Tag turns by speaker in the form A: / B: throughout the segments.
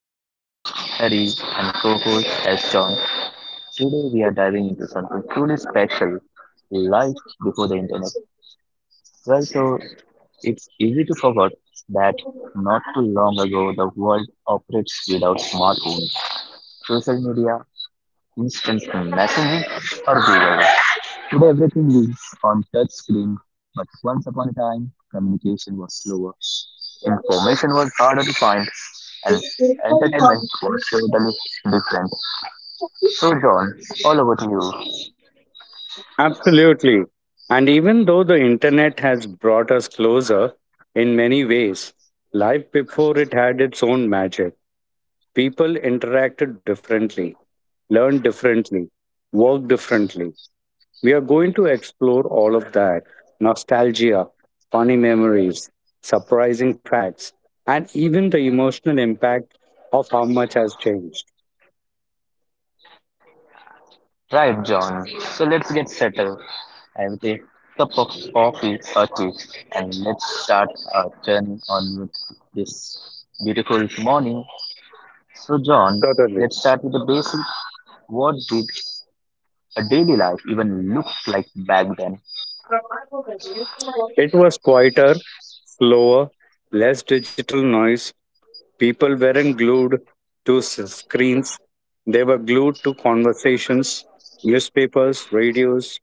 A: with your host Harry and co-host as John. Today we are diving into something truly special, life before the internet. Well, so it's easy to forget that not too long ago the world operates without smartphones, social media, instant messaging, or Google. Today everything is on touch screen, but once upon a time, communication was slower, information was harder to find, and entertainment was totally different. So, John, all over to you.
B: Absolutely. And even though the internet has brought us closer in many ways, life before it had its own magic. People interacted differently, learned differently, worked differently. We are going to explore all of that nostalgia, funny memories, surprising facts, and even the emotional impact of how much has changed.
A: Right, John. So let's get settled with a cup of coffee or tea and let's start our journey on with this beautiful morning. So, John,
B: Certainly.
A: let's start with the basic. What did a daily life even look like back then?
B: It was quieter, slower, less digital noise. People weren't glued to screens, they were glued to conversations, newspapers, radios.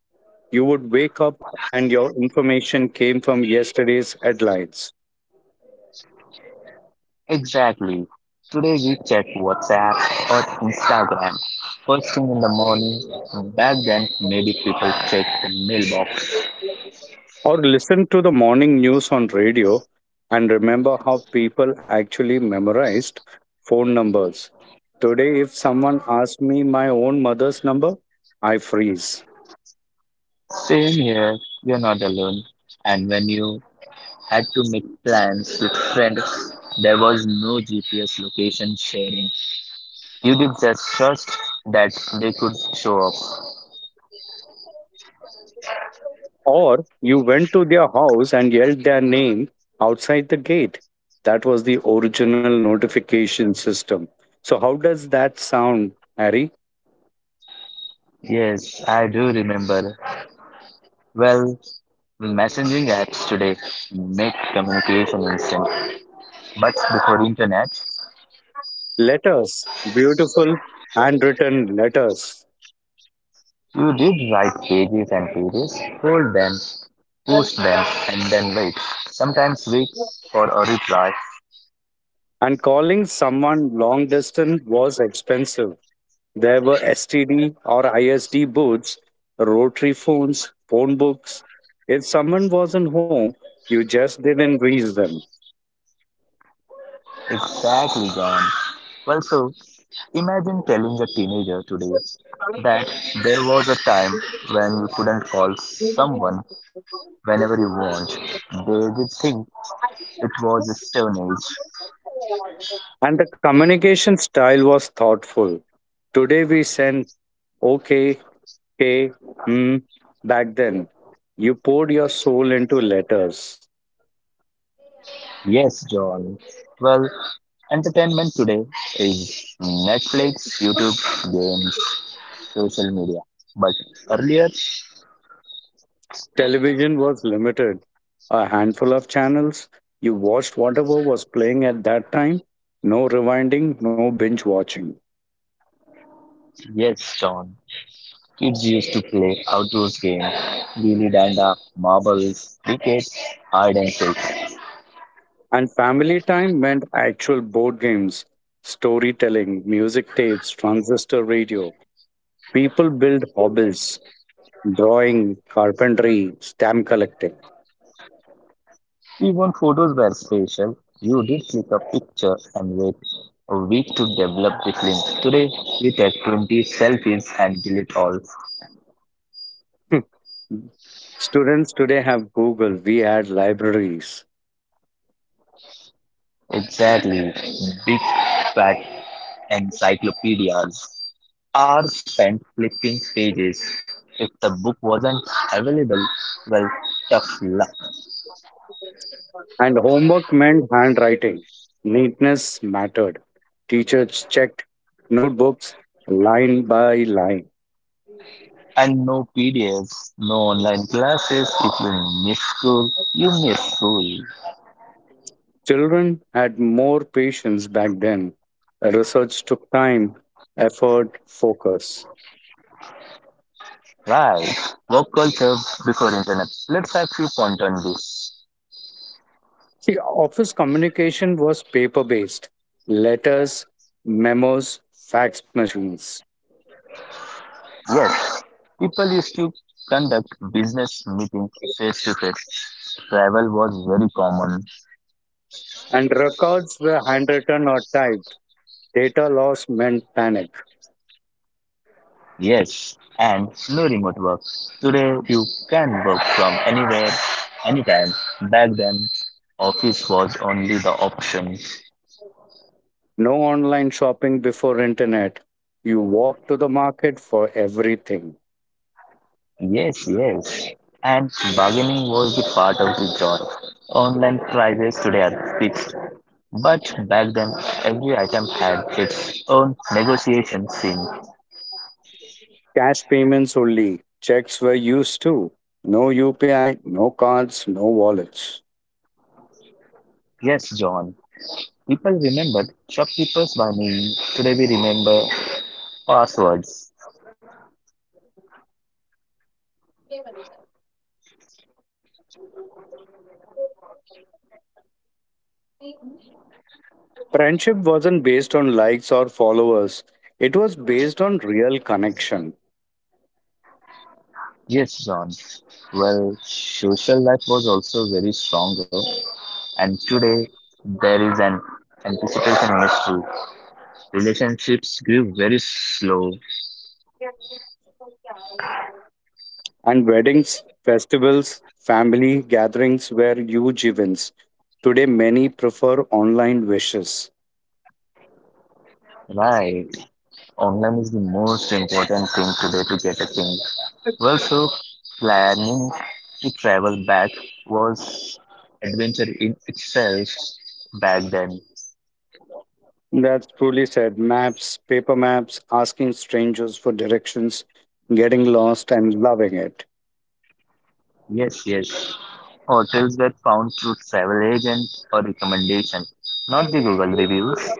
B: You would wake up and your information came from yesterday's headlines.
A: Exactly. Today we check WhatsApp or Instagram first thing in the morning. Back then, maybe people checked the mailbox.
B: Or listen to the morning news on radio, and remember how people actually memorized phone numbers. Today, if someone asks me my own mother's number, I freeze.
A: Same here, you're not alone. And when you had to make plans with friends, there was no GPS location sharing. You did just trust that they could show up.
B: Or you went to their house and yelled their name outside the gate. That was the original notification system. So, how does that sound, Harry?
A: Yes, I do remember. Well, messaging apps today make communication instant. But before internet,
B: Letters, beautiful handwritten letters.
A: you did write pages and pages, fold them, push them, and then wait. Sometimes wait for a reply.
B: And calling someone long distance was expensive. There were STD or ISD booths, rotary phones, phone books. If someone wasn't home, you just didn't reach them.
A: Exactly, John. Well, so imagine telling a teenager today that there was a time when you couldn't call someone whenever you want. They would think it was a stone age.
B: And the communication style was thoughtful. Today we send okay, okay, hmm. Back then, you poured your soul into letters.
A: Yes, John. Well, entertainment today is Netflix, YouTube, games, social media. But earlier,
B: Television was limited, a handful of channels. You watched whatever was playing at that time. No rewinding, no binge watching.
A: yes, John, kids used to play outdoors games, gilli danda, marbles, cricket, hide and seek.
B: And family time meant actual board games, storytelling, music tapes, transistor radio. People build hobbies: drawing, carpentry, stamp collecting.
A: Even photos were special. You did click a picture and wait a week to develop the film. Today, we take 20 selfies and delete all.
B: Hmm. Students today have Google, we had libraries,
A: Exactly, big fat Encyclopedias are spent flipping pages. If the book wasn't available, well, tough luck.
B: and homework meant handwriting. Neatness mattered. Teachers checked notebooks line by line.
A: And no PDFs, no online classes. If you miss school, you miss school.
B: Children had more patience back then. Research took time, effort, focus.
A: Right. Work culture before internet. Let's have few points on this.
B: See, office communication was paper based: letters, memos, fax machines.
A: Yes, people used to conduct business meetings face to face. Travel was very common.
B: And records were handwritten or typed. Data loss meant panic.
A: Yes, and no remote work. Today you can work from anywhere, anytime. Back then, office was only the option.
B: No online shopping before internet. You walked to the market for everything.
A: Yes, yes. And bargaining was the part of the job. Online prices today are fixed, but back then every item had its own negotiation scene.
B: Cash payments only. Checks were used too. No UPI, no cards, no wallets.
A: Yes, John. People remembered shopkeepers by name. Today we remember passwords.
B: Friendship wasn't based on likes or followers. It was based on real connection.
A: Yes, John. Well, social life was also very stronger, and today there is an anticipation mystery. Relationships grew very slow,
B: And weddings, festivals, family gatherings were huge events. Today, many prefer online wishes.
A: right? Online is the most important thing today to get a thing. Well, so planning to travel back was adventure in itself back then.
B: That's truly said. Maps, paper maps, asking strangers for directions, getting lost and loving it.
A: Yes, yes. Hotels were found through travel agent or recommendation, not the Google reviews.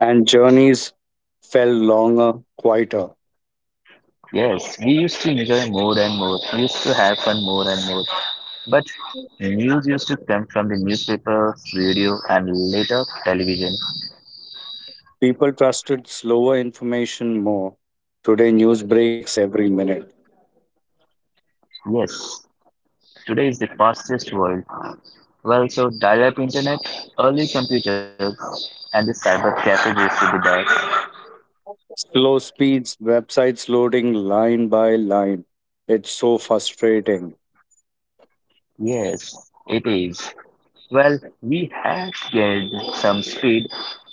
B: And journeys felt longer, quieter.
A: Yes, we used to enjoy more and more. We used to have fun more and more. But news used to come from the newspapers, radio, and later television.
B: People trusted slower information more. Today, news breaks every minute.
A: Yes, today is the fastest world. Well, so dial-up internet, early computers, and the cyber cafe used to be there.
B: Slow speeds, websites loading line by line. It's so frustrating.
A: Yes, it is. Well, we have gained some speed,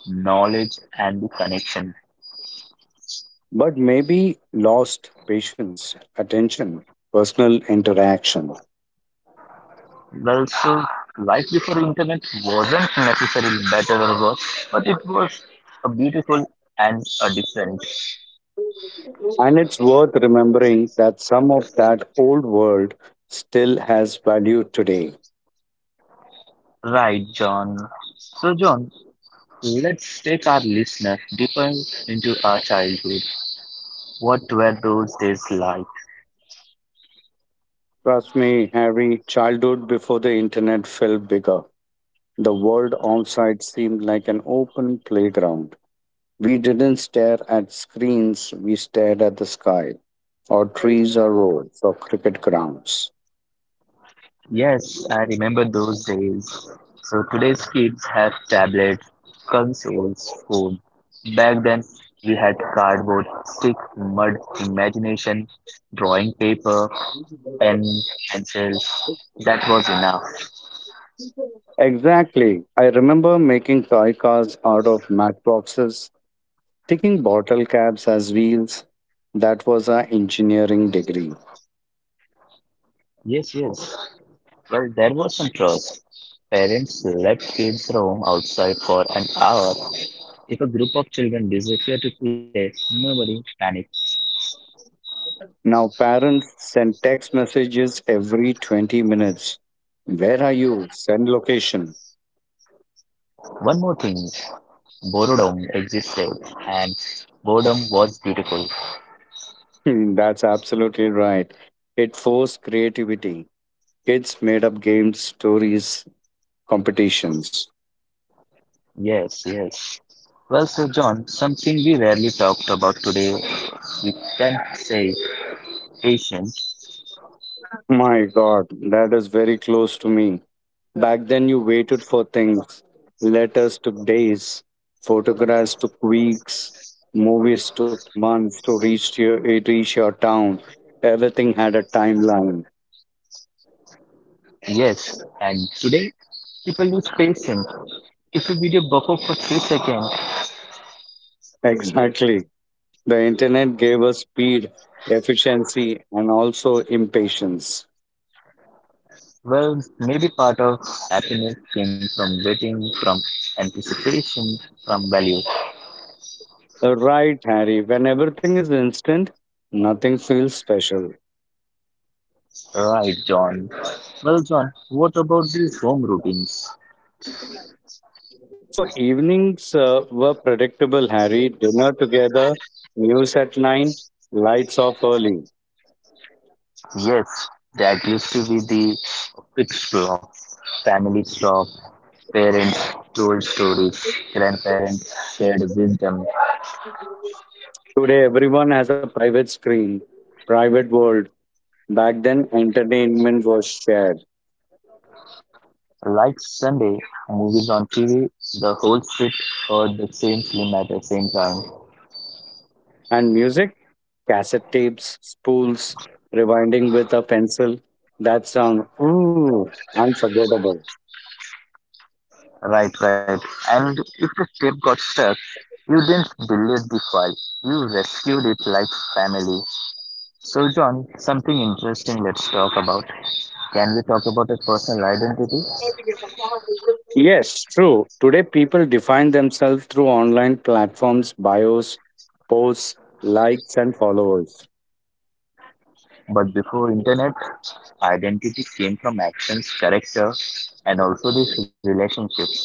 A: knowledge, and the connection.
B: But maybe lost patience, attention, personal interaction.
A: Well, so life before internet wasn't necessarily better or worse, but it was a beautiful and a different.
B: And it's worth remembering that some of that old world still has value today.
A: Right, John. So, John, let's take our listener deeper into our childhood. What were those days like?
B: Trust me, Harry, childhood before the internet felt bigger. The world outside seemed like an open playground. We didn't stare at screens, we stared at the sky, or trees, or roads, or cricket grounds.
A: Yes, I remember those days. So, today's kids have tablets, consoles, phone. Back then, we had cardboard, stick, mud, imagination, drawing paper, pen, pencil. That was enough.
B: Exactly. I remember making toy cars out of matchboxes, taking bottle caps as wheels. That was our engineering degree.
A: Yes, yes. Well, there was some trust. Parents let kids roam outside for an hour. If a group of children disappear to play, nobody panics.
B: Now parents send text messages every 20 minutes. Where are you? Send location.
A: One more thing, boredom existed, and boredom was beautiful.
B: Hmm. That's absolutely right. It forced creativity. Kids made up games, stories, competitions.
A: Yes, yes. Well, so John, something we rarely talked about today, we can say patience.
B: My God, that is very close to me. Back then, you waited for things. Letters took days, photographs took weeks, movies took months to reach your, it reach your town. Everything had a timeline.
A: Yes, and today people use patience. If you video buffer for 3 seconds,
B: Exactly. The internet gave us speed, efficiency, and also impatience.
A: well, maybe part of happiness came from waiting, from anticipation, from value.
B: Right, Harry. When everything is instant, nothing feels special.
A: Right, John. Well, John, what about these home routines?
B: So evenings were predictable, Harry. Dinner together, news at nine, lights off early.
A: Yes, that used to be the quick talk, family talk, parents told stories, grandparents shared wisdom.
B: Today, everyone has a private screen, private world. Back then, entertainment was shared.
A: Like Sunday, movies on TV, the whole street heard the same film at the same time.
B: And music, cassette tapes, spools, rewinding with a pencil. That sound, ooh, unforgettable.
A: Right, right. And if the tape got stuck, you didn't delete the file. You rescued it like family. So, John, something interesting let's talk about. Can we talk about a personal identity?
B: Yes, true. Today, people define themselves through online platforms, bios, posts, likes, and followers.
A: But before internet, identity came from actions, character, and also these relationships.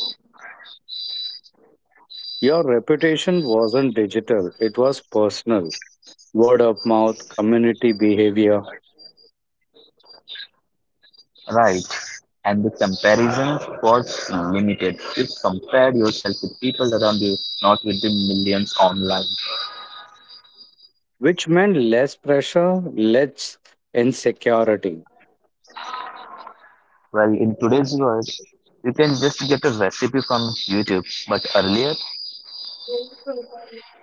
B: Your reputation wasn't digital, it was personal. Word of mouth, community behavior,
A: Right. And the comparison was limited. You compared yourself with people around you, not with the millions online.
B: which meant less pressure, less insecurity.
A: Well, in today's world, you can just get a recipe from YouTube, but earlier,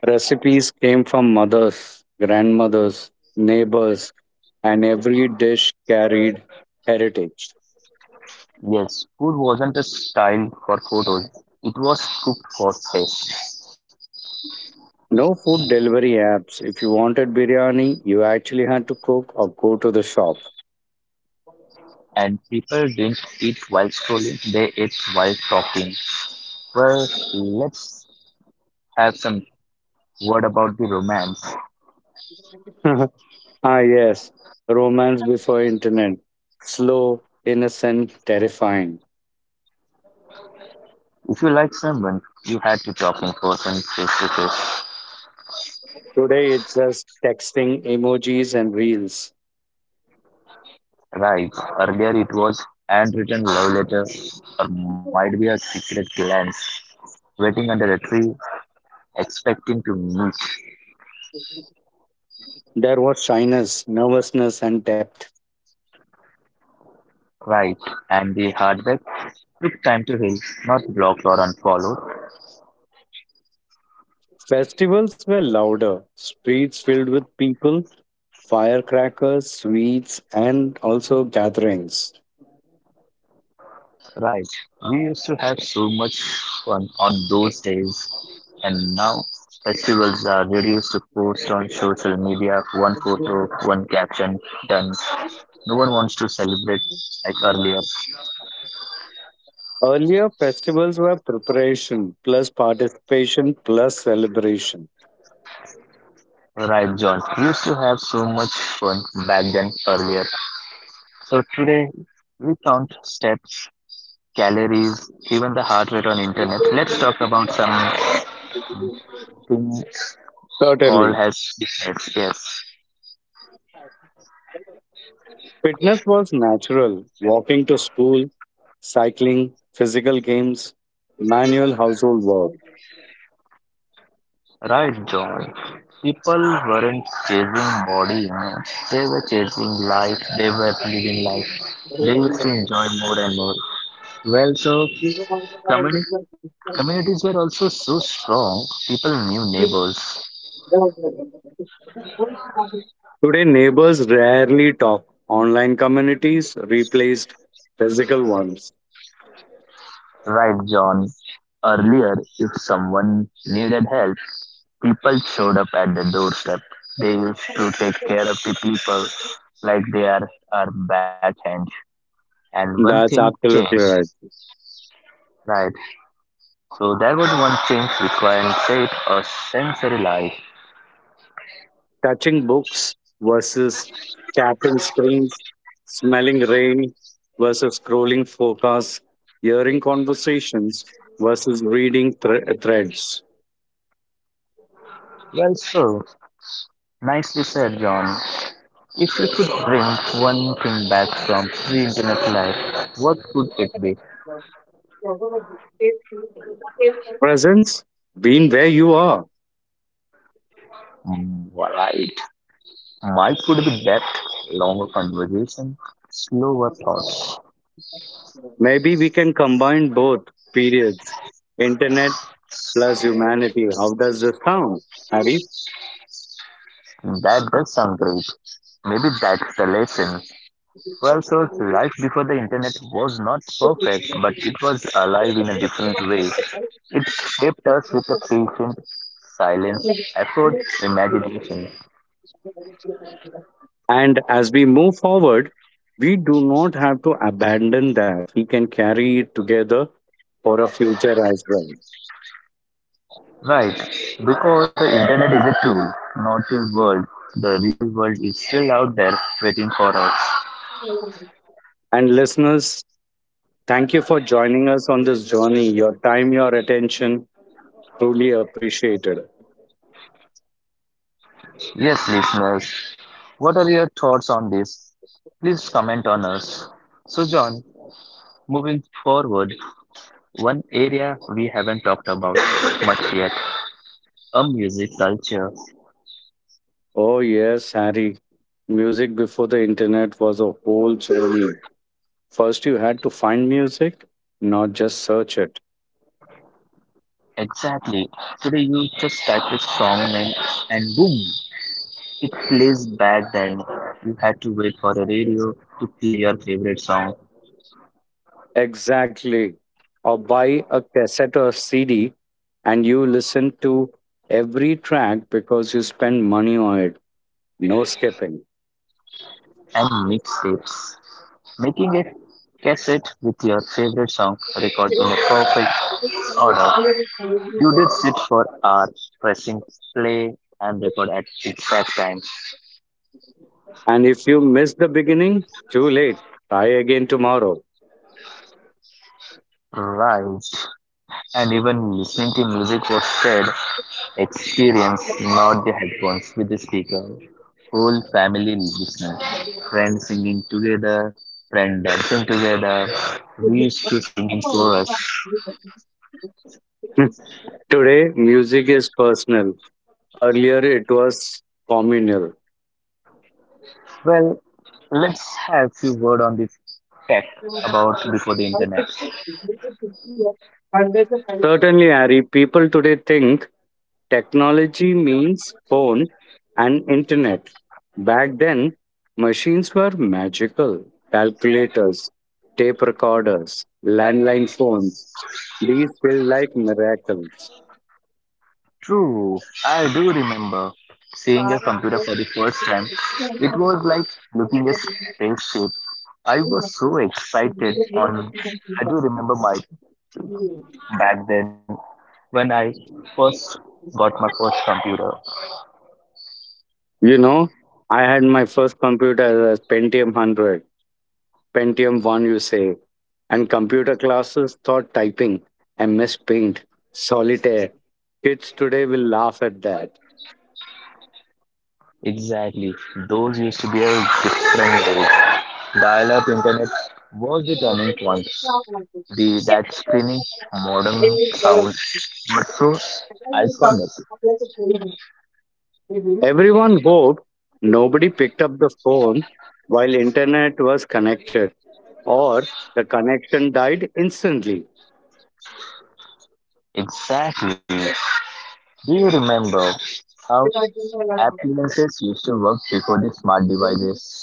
B: Recipes came from mothers, grandmothers, neighbors, and every dish carried heritage.
A: yes, food wasn't a style for photos, it was cooked for taste.
B: No food delivery apps. If you wanted biryani, you actually had to cook or go to the shop.
A: And people didn't eat while scrolling, they ate while talking. Well, let's have some word about the romance.
B: Ah, yes. Romance before internet. Slow, innocent, terrifying.
A: If you like someone, you had to talk in person face to face.
B: Today it's just texting, emojis, and reels.
A: Right, earlier it was handwritten love letter or might be a secret glance waiting under a tree expecting to be
B: There was shyness, nervousness, and depth.
A: right, and the hardback took time to heal, not blocked or unfollowed.
B: Festivals were louder, streets filled with people, firecrackers, sweets, and also gatherings.
A: Right. We used to have so much fun on those days, and now festivals are reduced to post on social media, one photo, one caption, done. No one wants to celebrate like earlier.
B: Earlier, festivals were preparation plus participation plus celebration.
A: Right, John. We used to have so much fun back then earlier. So today we count steps calories, even the heart rate on internet. Let's talk about something
B: Certainly.
A: called as fitness. Yes,
B: Fitness was natural walking to school, cycling, physical games, manual household work.
A: right, John. People weren't chasing body image; they were chasing life. They were living life. They used to enjoy more and more. Well, so communi- communities were also so strong. People knew neighbors.
B: Today, neighbors rarely talk. Online communities replaced physical ones.
A: Right, John. Earlier, if someone needed help, people showed up at the doorstep. They used to take care of the people like they are our backhand. And one thing
B: That's absolutely
A: changed,
B: right.
A: right? So there was one change requiring faith or sensory life.
B: Touching books versus tapping screens, smelling rain versus scrolling forecasts, hearing conversations versus reading threads.
A: Well, so nicely said, John. If you could bring one thing back from pre-internet life, what could it be?
B: Presence, being where you are.
A: Mm, right. Mine could be depth, longer conversation, slower thoughts.
B: Maybe we can combine both periods, internet plus humanity. How does this sound, Harry?
A: That does sound great. Maybe that's the lesson. Well, so life before the internet was not perfect, but it was alive in a different way. It shaped us with a patient silence, effort, imagination.
B: And as we move forward, we do not have to abandon that. We can carry it together for a future as well.
A: Right, because the internet is a tool, not a world. The real world is still out there waiting for us.
B: And listeners, thank you for joining us on this journey. Your time, your attention, truly appreciated.
A: Yes, listeners, what are your thoughts on this? Please comment on us. So, John, moving forward, one area we haven't talked about much yet, a music culture.
B: Oh, yes, Harry. Music before the internet was a whole journey. First, you had to find music, not just search it.
A: Exactly. Today you just type a song name and boom, it plays back then. You had to wait for a radio to play your favorite song
B: Exactly. Or buy a cassette or CD and you listen to every track because you spend money on it. No skipping.
A: and mixtapes. Making a cassette with your favorite song recorded in a perfect order. You did sit for hours pressing play and record at exact time.
B: And if you miss the beginning, too late. Try again tomorrow.
A: Right. And even listening to music was said experience, not the headphones with the speaker. Whole family listening, friends singing together, friends dancing together. We used to sing in chorus.
B: Today, music is personal. Earlier, it was communal.
A: Well, let's have few word on the tech about before the internet.
B: Certainly, Ari, people today think technology means phone and internet. Back then, machines were magical. Calculators, tape recorders, landline phones. These feel like miracles.
A: True, I do remember seeing a computer for the first time. It was like looking a spaceship. I was so excited on I do remember my back then when I first got my first computer.
B: You know, I had my first computer as Pentium 100, Pentium 1, you say, and computer classes taught typing, MS Paint, Solitaire. Kids today will laugh at that.
A: Exactly. Those used to be a different world. Dial-up internet was the turning point. The that screaming modern sound, but so iconic.
B: Everyone woke. Nobody picked up the phone while internet was connected, or the connection died instantly.
A: Exactly. Do you remember how appliances used to work before the smart devices?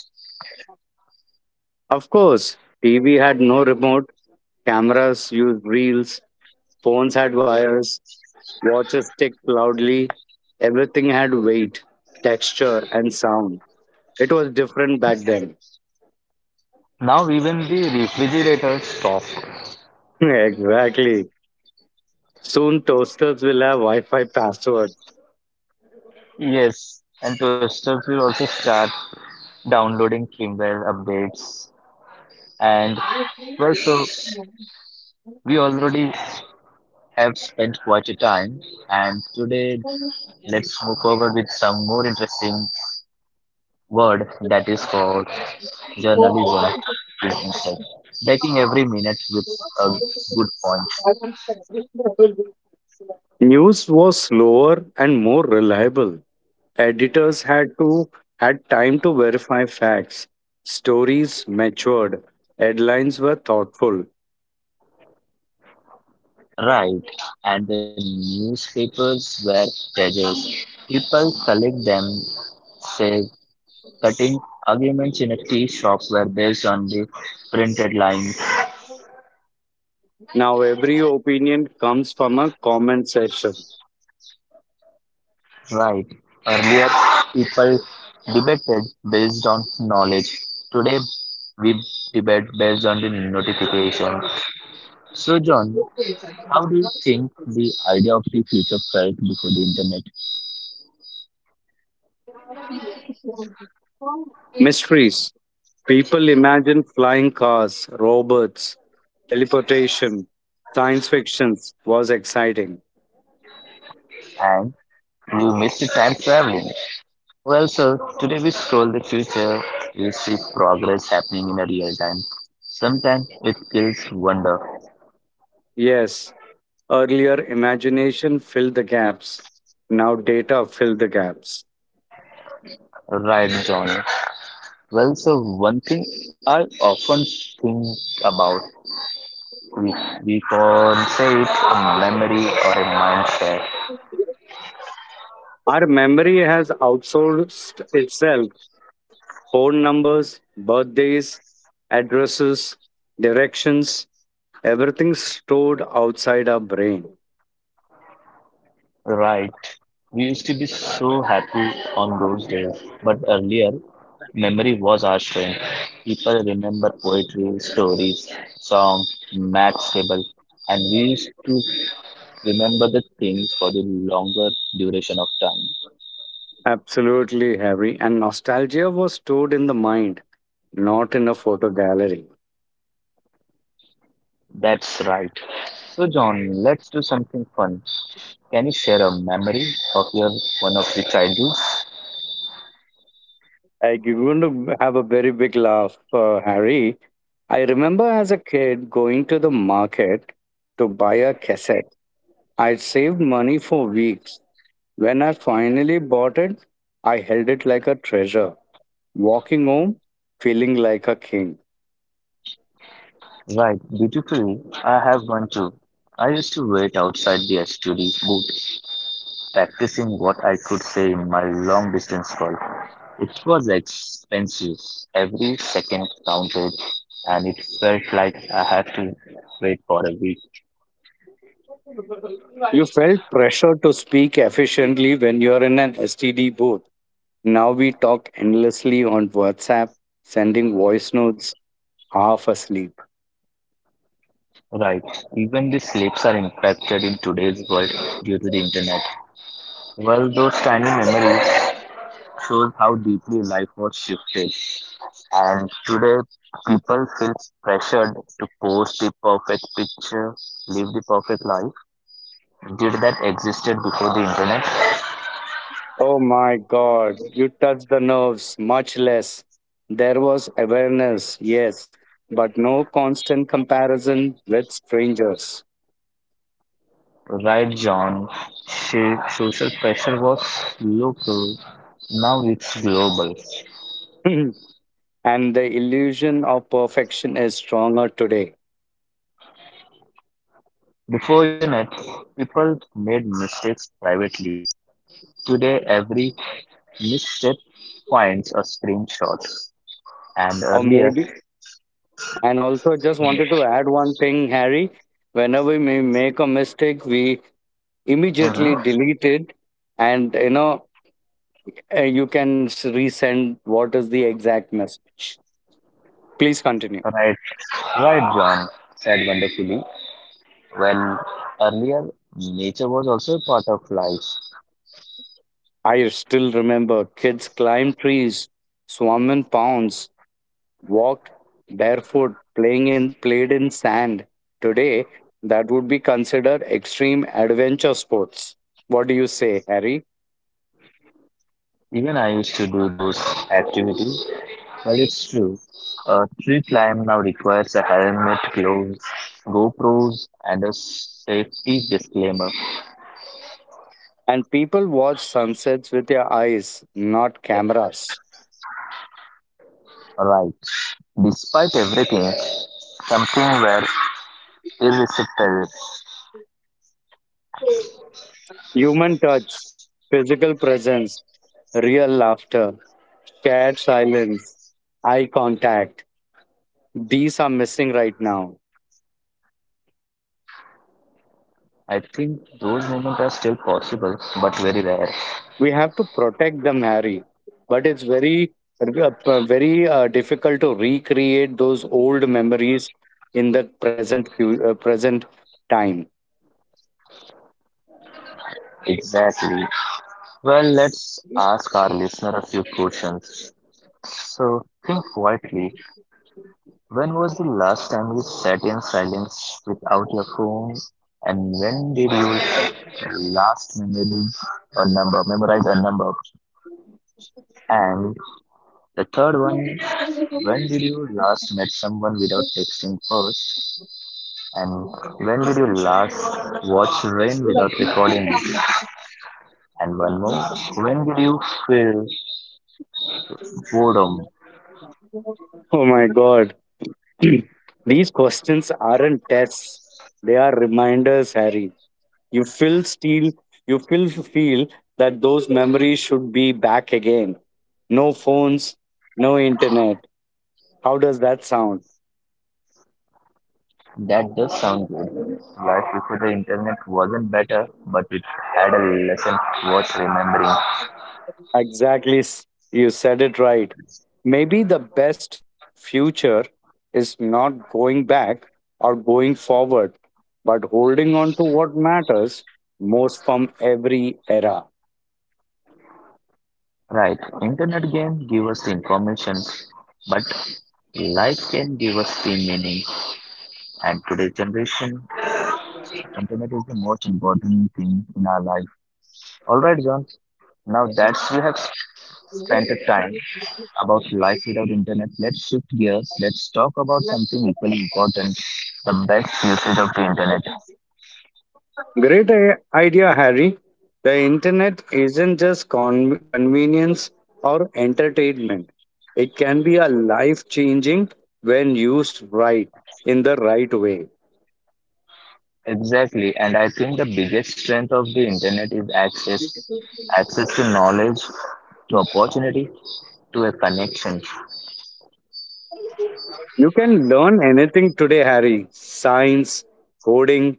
B: Of course, TV had no remote, cameras used reels, phones had wires, watches ticked loudly, everything had weight, texture and sound. It was different back then.
A: Now even the refrigerators stop.
B: Exactly. Soon toasters will have Wi-Fi passwords.
A: Yes, and toasters will also start downloading firmware updates, and well, so we already have spent quite a time, and today let's move forward with some more interesting word that is called journalism is taking every minute with a good point.
B: News was slower and more reliable. Editors had time to verify facts. Stories matured. Headlines were thoughtful.
A: Right. And the newspapers were treasures. People collect them, say, cutting arguments in a tea shop were based on the printed lines.
B: Now every opinion comes from a comment section.
A: Right. Earlier, people debated based on knowledge. Today, we debate based on the notification. So, John, how do you think the idea of the future felt before the internet?
B: Mysteries. People imagine flying cars, robots, teleportation. Science fiction was exciting.
A: And you missed the time traveling. Well, sir, today we scroll the future, we see progress happening in a real time. Sometimes it feels wonder.
B: Yes, earlier imagination filled the gaps. Now data fill the gaps.
A: Right, John. Well, so one thing I often think about. We, we conflate a memory or a mindset.
B: Our memory has outsourced itself: phone numbers, birthdays, addresses, directions, everything's stored outside our brain.
A: Right. We used to be so happy on those days, but earlier, memory was our strength. People remember poetry, stories, songs, maths table, and we used to remember the things for the longer duration of time.
B: Absolutely, Harry. And nostalgia was stored in the mind, not in a photo gallery.
A: That's right. So, John, let's do something fun. Can you share a memory of your one of your childhoods?
B: Like, you're going to have a very big laugh, Harry. I remember as a kid going to the market to buy a cassette. I'd saved money for weeks. When I finally bought it, I held it like a treasure, walking home feeling like a king.
A: Right, beautifully. I have one too. I used to wait outside the study booth, practicing what I could say in my long distance call. It was expensive. Every second counted, and it felt like I had to wait for a week.
B: You felt pressure to speak efficiently when you're in an STD booth. Now we talk endlessly on WhatsApp, sending voice notes half asleep.
A: Right, even the sleeps are impacted in today's world due to the internet. Well, those tiny memories shows how deeply life was shifted. And today, people feel pressured to post the perfect picture, live the perfect life. Did that existed before the internet?
B: Oh my God, you touched the nerves, much less. There was awareness, yes, but no constant comparison with strangers.
A: Right, John. She, social pressure was local. Now it's global.
B: And the illusion of perfection is stronger today.
A: Before internet, people made mistakes privately. Today, every misstep finds a screenshot. And
B: Or
A: earlier,
B: maybe And also, just wanted to add one thing, Harry. Whenever we may make a mistake, we immediately
A: mhm.
B: delete it, and you know you can resend what is the exact message. Please continue.
A: Right, right, John said wonderfully. When earlier, nature was also a part of life.
B: I still remember kids climbed trees, swam in ponds, walked barefoot, playing in played in sand. Today, that would be considered extreme adventure sports. What do you say, Harry?
A: Even I used to do those activities. Well, it's true. A tree climb now requires a helmet, gloves, GoPros, and a safety disclaimer.
B: And people watch sunsets with their eyes, not cameras.
A: Right. Despite everything, something were irresistible.
B: Human touch, physical presence, real laughter, shared silence, eye contact. These are missing right now.
A: I think those moments are still possible, but very rare.
B: We have to protect them, Harry. But it's very difficult to recreate those old memories in the present time.
A: Exactly. Well, let's ask our listener a few questions. So think quietly. When was the last time you sat in silence without your phone? And when did you last memory a number, memorize a number? And the third one, when did you last met someone without texting first? And when did you last watch rain without recording it? And one more, when did you feel boredom?
B: Oh my God. These questions aren't tests, they are reminders, Harry. you feel still you feel that those memories should be back again, no phones, no internet. How does that sound?
A: That does sound good. Life before the internet wasn't better, but it had a lesson worth remembering.
B: Exactly. You said it right. Maybe the best future is not going back or going forward, but holding on to what matters most from every era.
A: Right, internet game give us information, but life can give us the meaning. And today's generation, internet is the most important thing in our life. All right, John. Now that we have spent a time about life without internet, let's shift gears. Let's talk about something equally important: the best usage of the internet.
B: Great idea, Harry. The internet isn't just convenience or entertainment. It can be a life changing when used right in the right way.
A: Exactly, and I think the biggest strength of the internet is access, access to knowledge, to opportunity, to a connection.
B: You can learn anything today, Harry: science, coding,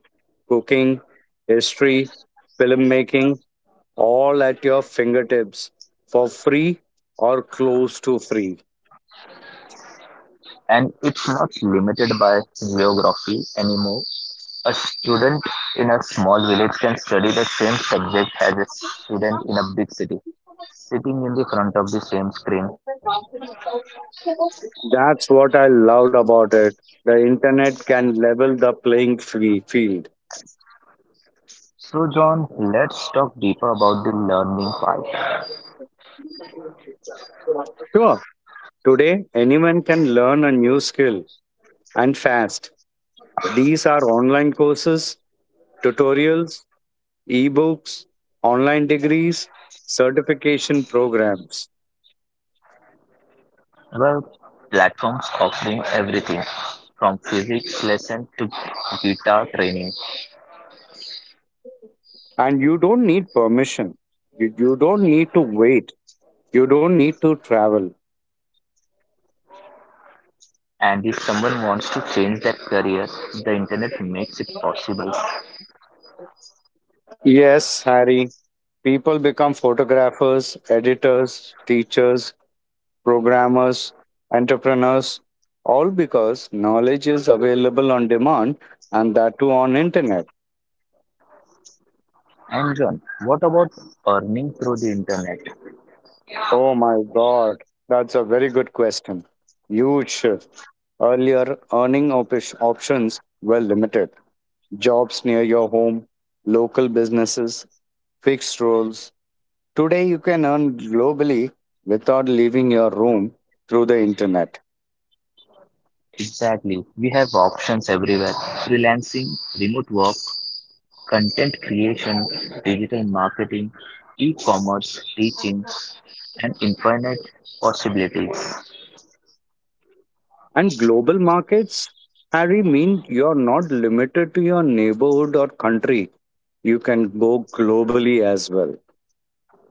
B: cooking, history, filmmaking, all at your fingertips for free or close to free.
A: And it's not limited by geography anymore. A student in a small village can study the same subject as a student in a big city, sitting in the front of the same screen.
B: That's what I loved about it. The internet can level the playing field.
A: So, John, let's talk deeper about the learning part.
B: Sure, today anyone can learn a new skill and fast. These are online courses, tutorials, ebooks, online degrees, certification programs.
A: Well, platforms offering everything from physics lesson to guitar training.
B: And you don't need permission. You don't need to wait. You don't need to travel.
A: And if someone wants to change their career, the internet makes it possible.
B: Yes, Harry, people become photographers, editors, teachers, programmers, entrepreneurs, all because knowledge is available on demand and that too on internet.
A: And John, what about earning through the internet?
B: Oh my god, that's a very good question. Huge shift. Earlier, options were limited. Jobs near your home, local businesses, fixed roles. Today, you can earn globally without leaving your room through the internet.
A: Exactly. We have options everywhere. Freelancing, remote work, content creation, digital marketing, e-commerce, teaching, and infinite possibilities.
B: And global markets, Harry, mean you're not limited to your neighborhood or country. You can go globally as well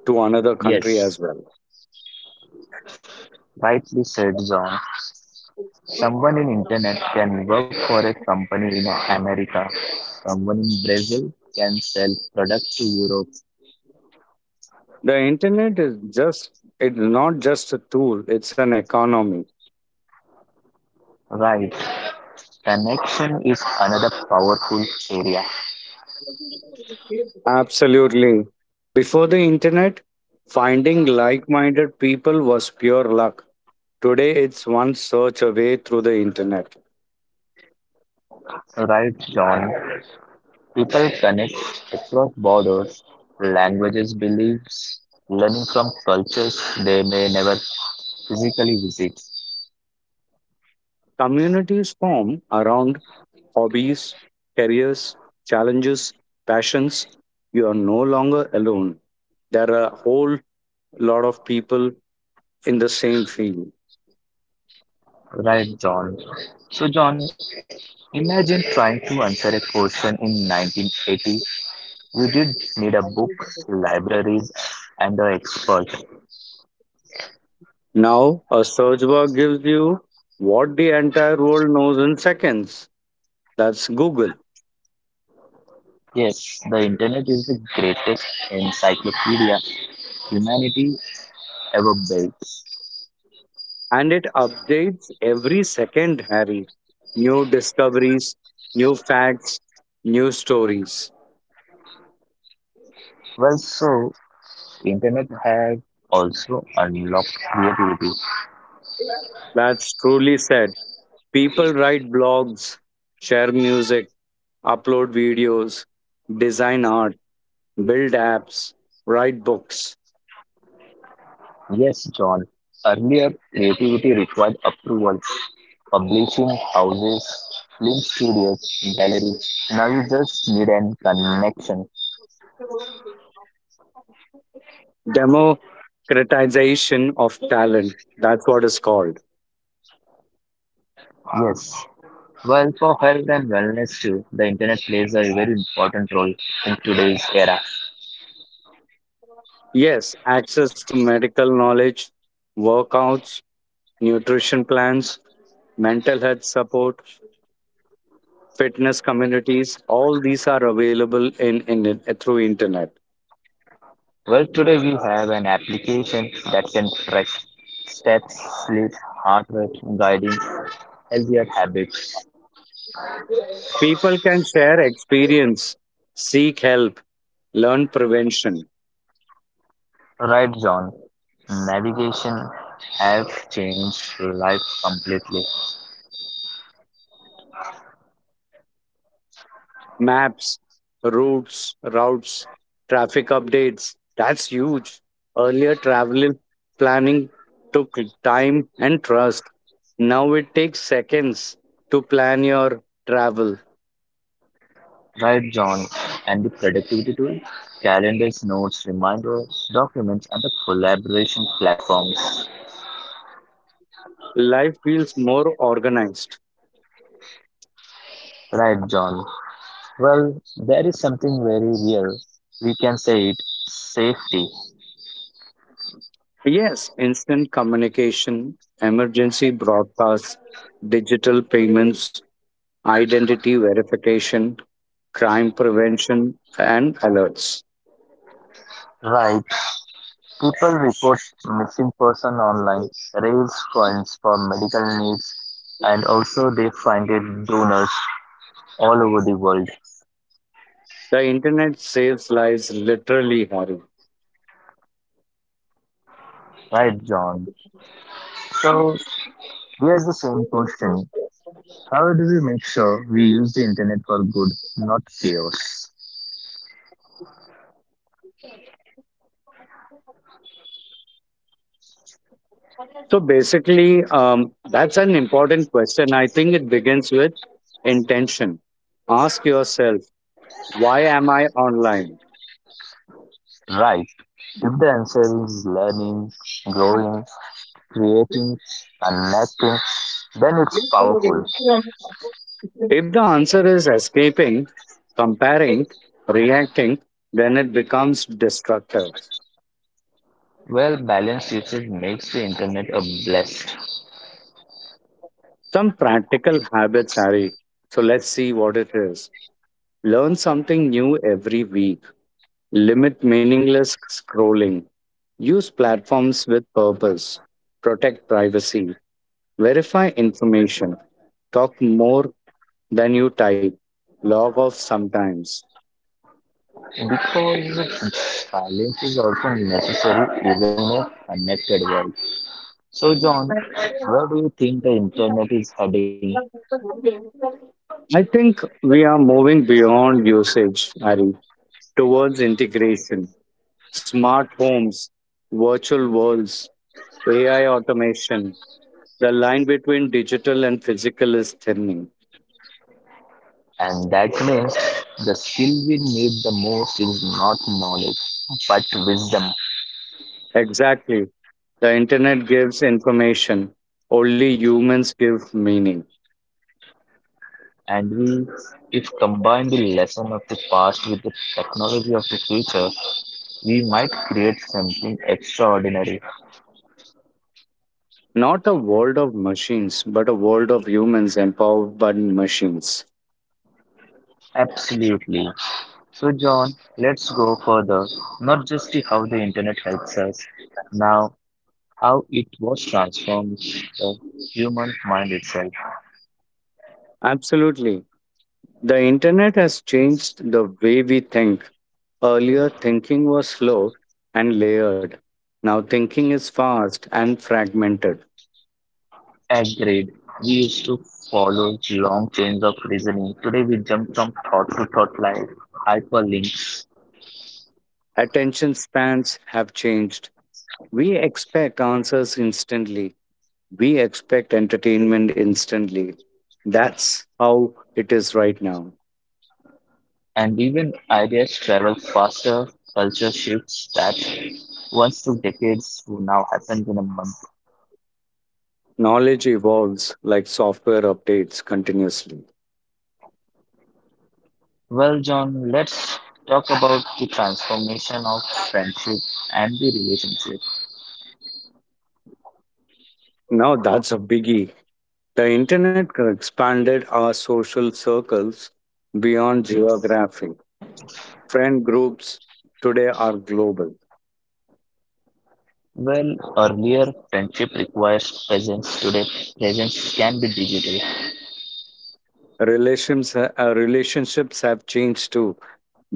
B: to another country
A: Yes,
B: as well.
A: rightly said John. Someone in internet can work for a company in America. Someone in Brazil can sell products to Europe.
B: The internet is just, it's not just a tool, it's an economy.
A: Right. Connection is another powerful area.
B: Absolutely. Before the internet, finding like minded people was pure luck. Today, it's one search away through the internet.
A: Right, John. People connect across borders, languages, beliefs, learning from cultures they may never physically visit.
B: Communities form around hobbies, careers, challenges, passions. You are no longer alone. There are a whole lot of people in the same field.
A: Right, John? So, John, imagine trying to answer a question in 1980. You did need a book, libraries, and the expert.
B: Now, a search bar gives you what the entire world knows in seconds. That's Google.
A: Yes, the internet is the greatest encyclopedia humanity ever built.
B: And it updates every second, Harry. New discoveries, new facts, new stories.
A: Well, so internet has also unlocked creativity.
B: That's truly said. People write blogs, share music, upload videos, design art, build apps, write books,
A: Yes, John. Earlier, creativity required approval. Publishing houses, film studios, galleries. Now you just need an connection.
B: demo criticization of talent. That's what is called.
A: Yes. Well, for health and wellness too, the internet plays a very important role in today's era.
B: Yes, access to medical knowledge, workouts, nutrition plans, mental health support, fitness communities, all these are available through internet.
A: Well, today we have an application that can track steps, sleep, heart rate, guiding healthier habits.
B: People can share experience, seek help, learn prevention.
A: Right, John. Navigation have changed life completely.
B: Maps, routes, traffic updates. That's huge. Earlier, travel planning took time and trust. Now it takes seconds to plan your travel.
A: Right, John. And the productivity tools, calendars, notes, reminders, documents, and the collaboration platforms.
B: Life feels more organized.
A: Right, John. Well, there is something very real. We can say it safety.
B: Yes, instant communication, emergency broadcasts, digital payments, identity verification, crime prevention, and alerts.
A: Right. People report missing person online, raise funds for medical needs, and also they find it donors all over the world.
B: The internet saves lives literally, Hari.
A: Right, John. So here is the same question. How do we make sure we use the internet for good, not chaos?
B: So basically, that's an important question. I think it begins with intention. Ask yourself, why am I online?
A: Right. If the answer is learning, growing, creating, connecting, then it's powerful.
B: If the answer is escaping, comparing, reacting, then it becomes destructive.
A: Well, balanced usage makes the internet a blessing
B: Some practical habits, Hari. So let's see what it is. Learn something new every week. Limit meaningless scrolling. Use platforms with purpose. Protect privacy. Verify information. Talk more than you type. Log off sometimes.
A: because silence is often necessary even in a connected world. So, John, where do you think the internet is heading?
B: I think we are moving beyond usage, Ari, towards integration. Smart homes, virtual worlds, AI automation. The line between digital and physical is thinning.
A: And that means the skill we need the most is not knowledge, but wisdom.
B: Exactly. The internet gives information. Only humans give meaning.
A: And we, if combine the lesson of the past with the technology of the future, we might create something extraordinary.
B: Not a world of machines, but a world of humans empowered by machines.
A: Absolutely. So, John, let's go further. Not just the how the internet helps us, now how it was transformed the human mind itself.
B: Absolutely. The internet has changed the way we think. Earlier, thinking was slow and layered. Now, thinking is fast and fragmented.
A: Agreed. We used to follow long chains of reasoning. Today we jump from thought to thought like hyperlinks,
B: Attention spans have changed. We expect answers instantly. We expect entertainment instantly. That's how it is right now.
A: and even ideas travel faster. Culture shifts that once took decades to now happens in a month.
B: Knowledge evolves like software updates continuously.
A: Well, John, let's talk about the transformation of friendship and the relationship.
B: Now that's a biggie. The internet expanded our social circles beyond geography. Friend groups today are global.
A: Well, earlier friendship requires presence. Today, presence can be digital,
B: Relationships have changed too.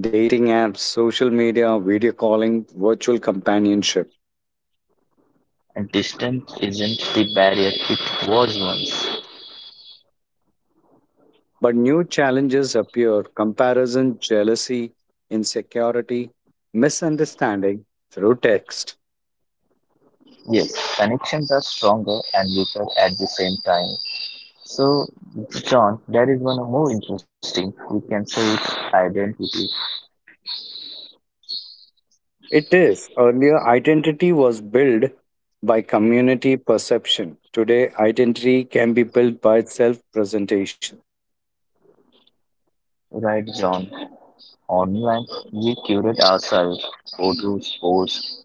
B: Dating apps, social media, video calling, virtual companionship.
A: and distance isn't the barrier it was once.
B: But new challenges appear: comparison, jealousy, insecurity, misunderstanding through text.
A: Yes, connections are stronger and weaker at the same time. So, John, there is one more interesting. We can say it's identity.
B: It is. Earlier, identity was built by community perception. Today, identity can be built by self presentation.
A: Right, John? Online, we curate ourselves, photos, posts,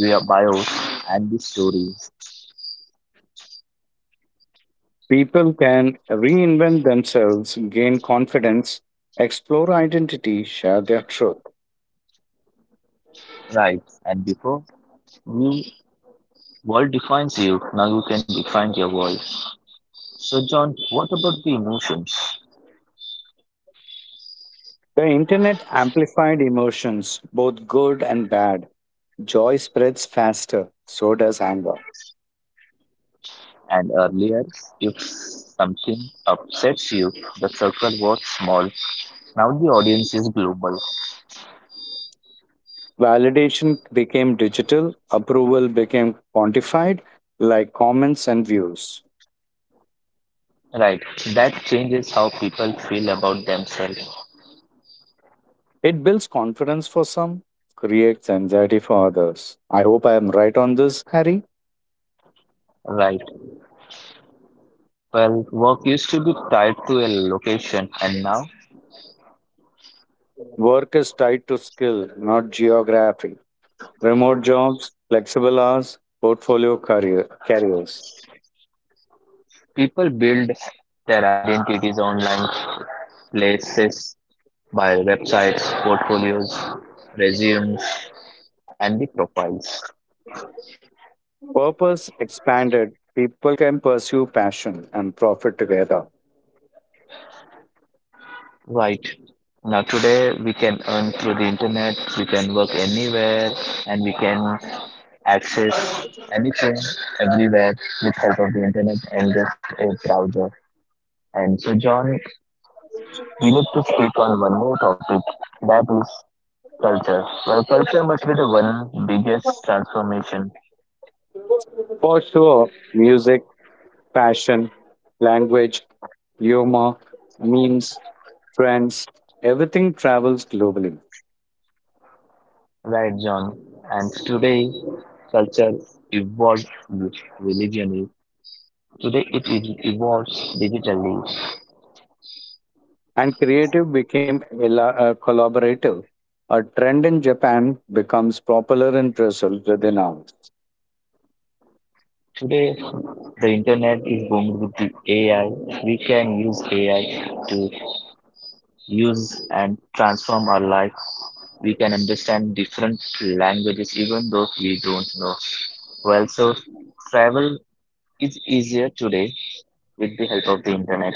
A: via bios, and the stories.
B: People can reinvent themselves, gain confidence, explore identity, share their truth.
A: Right, and before we world defines you, now you can define your world. So, John, what about the emotions?
B: The internet amplified emotions, both good and bad. Joy spreads faster, so does anger.
A: And earlier, if something upsets you, the circle was small. Now the audience is global,
B: Validation became digital, approval became quantified, like comments and views.
A: right? That changes how people feel about themselves,
B: It builds confidence for some, creates anxiety for others. I hope I am right on this, Harry.
A: right? Well, work used to be tied to a location, and now
B: Work is tied to skill, not geography. Remote jobs, flexible hours, portfolio career, carriers.
A: people build their identities online, places by websites, portfolios, resumes, and the profiles,
B: Purpose expanded, people can pursue passion and profit together.
A: right? Now today we can earn through the internet, we can work anywhere, and we can access anything, everywhere with help of the internet and just a browser. And so, John, we need to speak on one more topic that is culture. Well, culture must be the one biggest transformation,
B: For sure, music, passion, language, humor, memes, trends, everything travels globally.
A: right, John? And today, culture evolves with religion. Today, it evolves digitally.
B: And creative became collaborative. A trend in Japan becomes popular in Brazil within hours.
A: Today, the internet is booming with the AI. We can use AI to use and transform our life, we can understand different languages even though we don't know well, so travel is easier today with the help of the internet.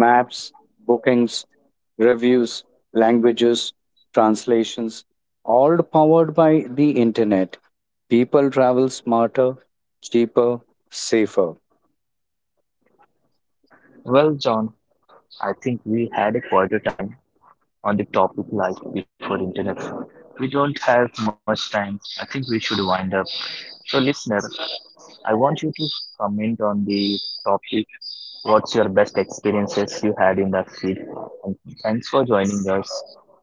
B: Maps, bookings, reviews, languages, translations, all powered by the internet. People travel smarter, cheaper, safer.
A: Well, John, I think we had a quieter time on the topic like before internet. We don't have much time, I think we should wind up. So listener, I want you to comment on the topic, what's your best experiences you had in that field, and thanks for joining us,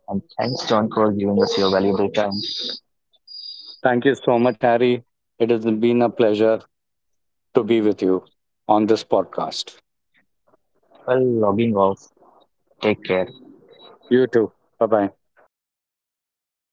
A: and thanks John for giving us your valuable time.
B: Thank you so much, Harry. It has been a pleasure to be with you on this podcast.
A: Well, logging off. Take care.
B: You too. Bye bye.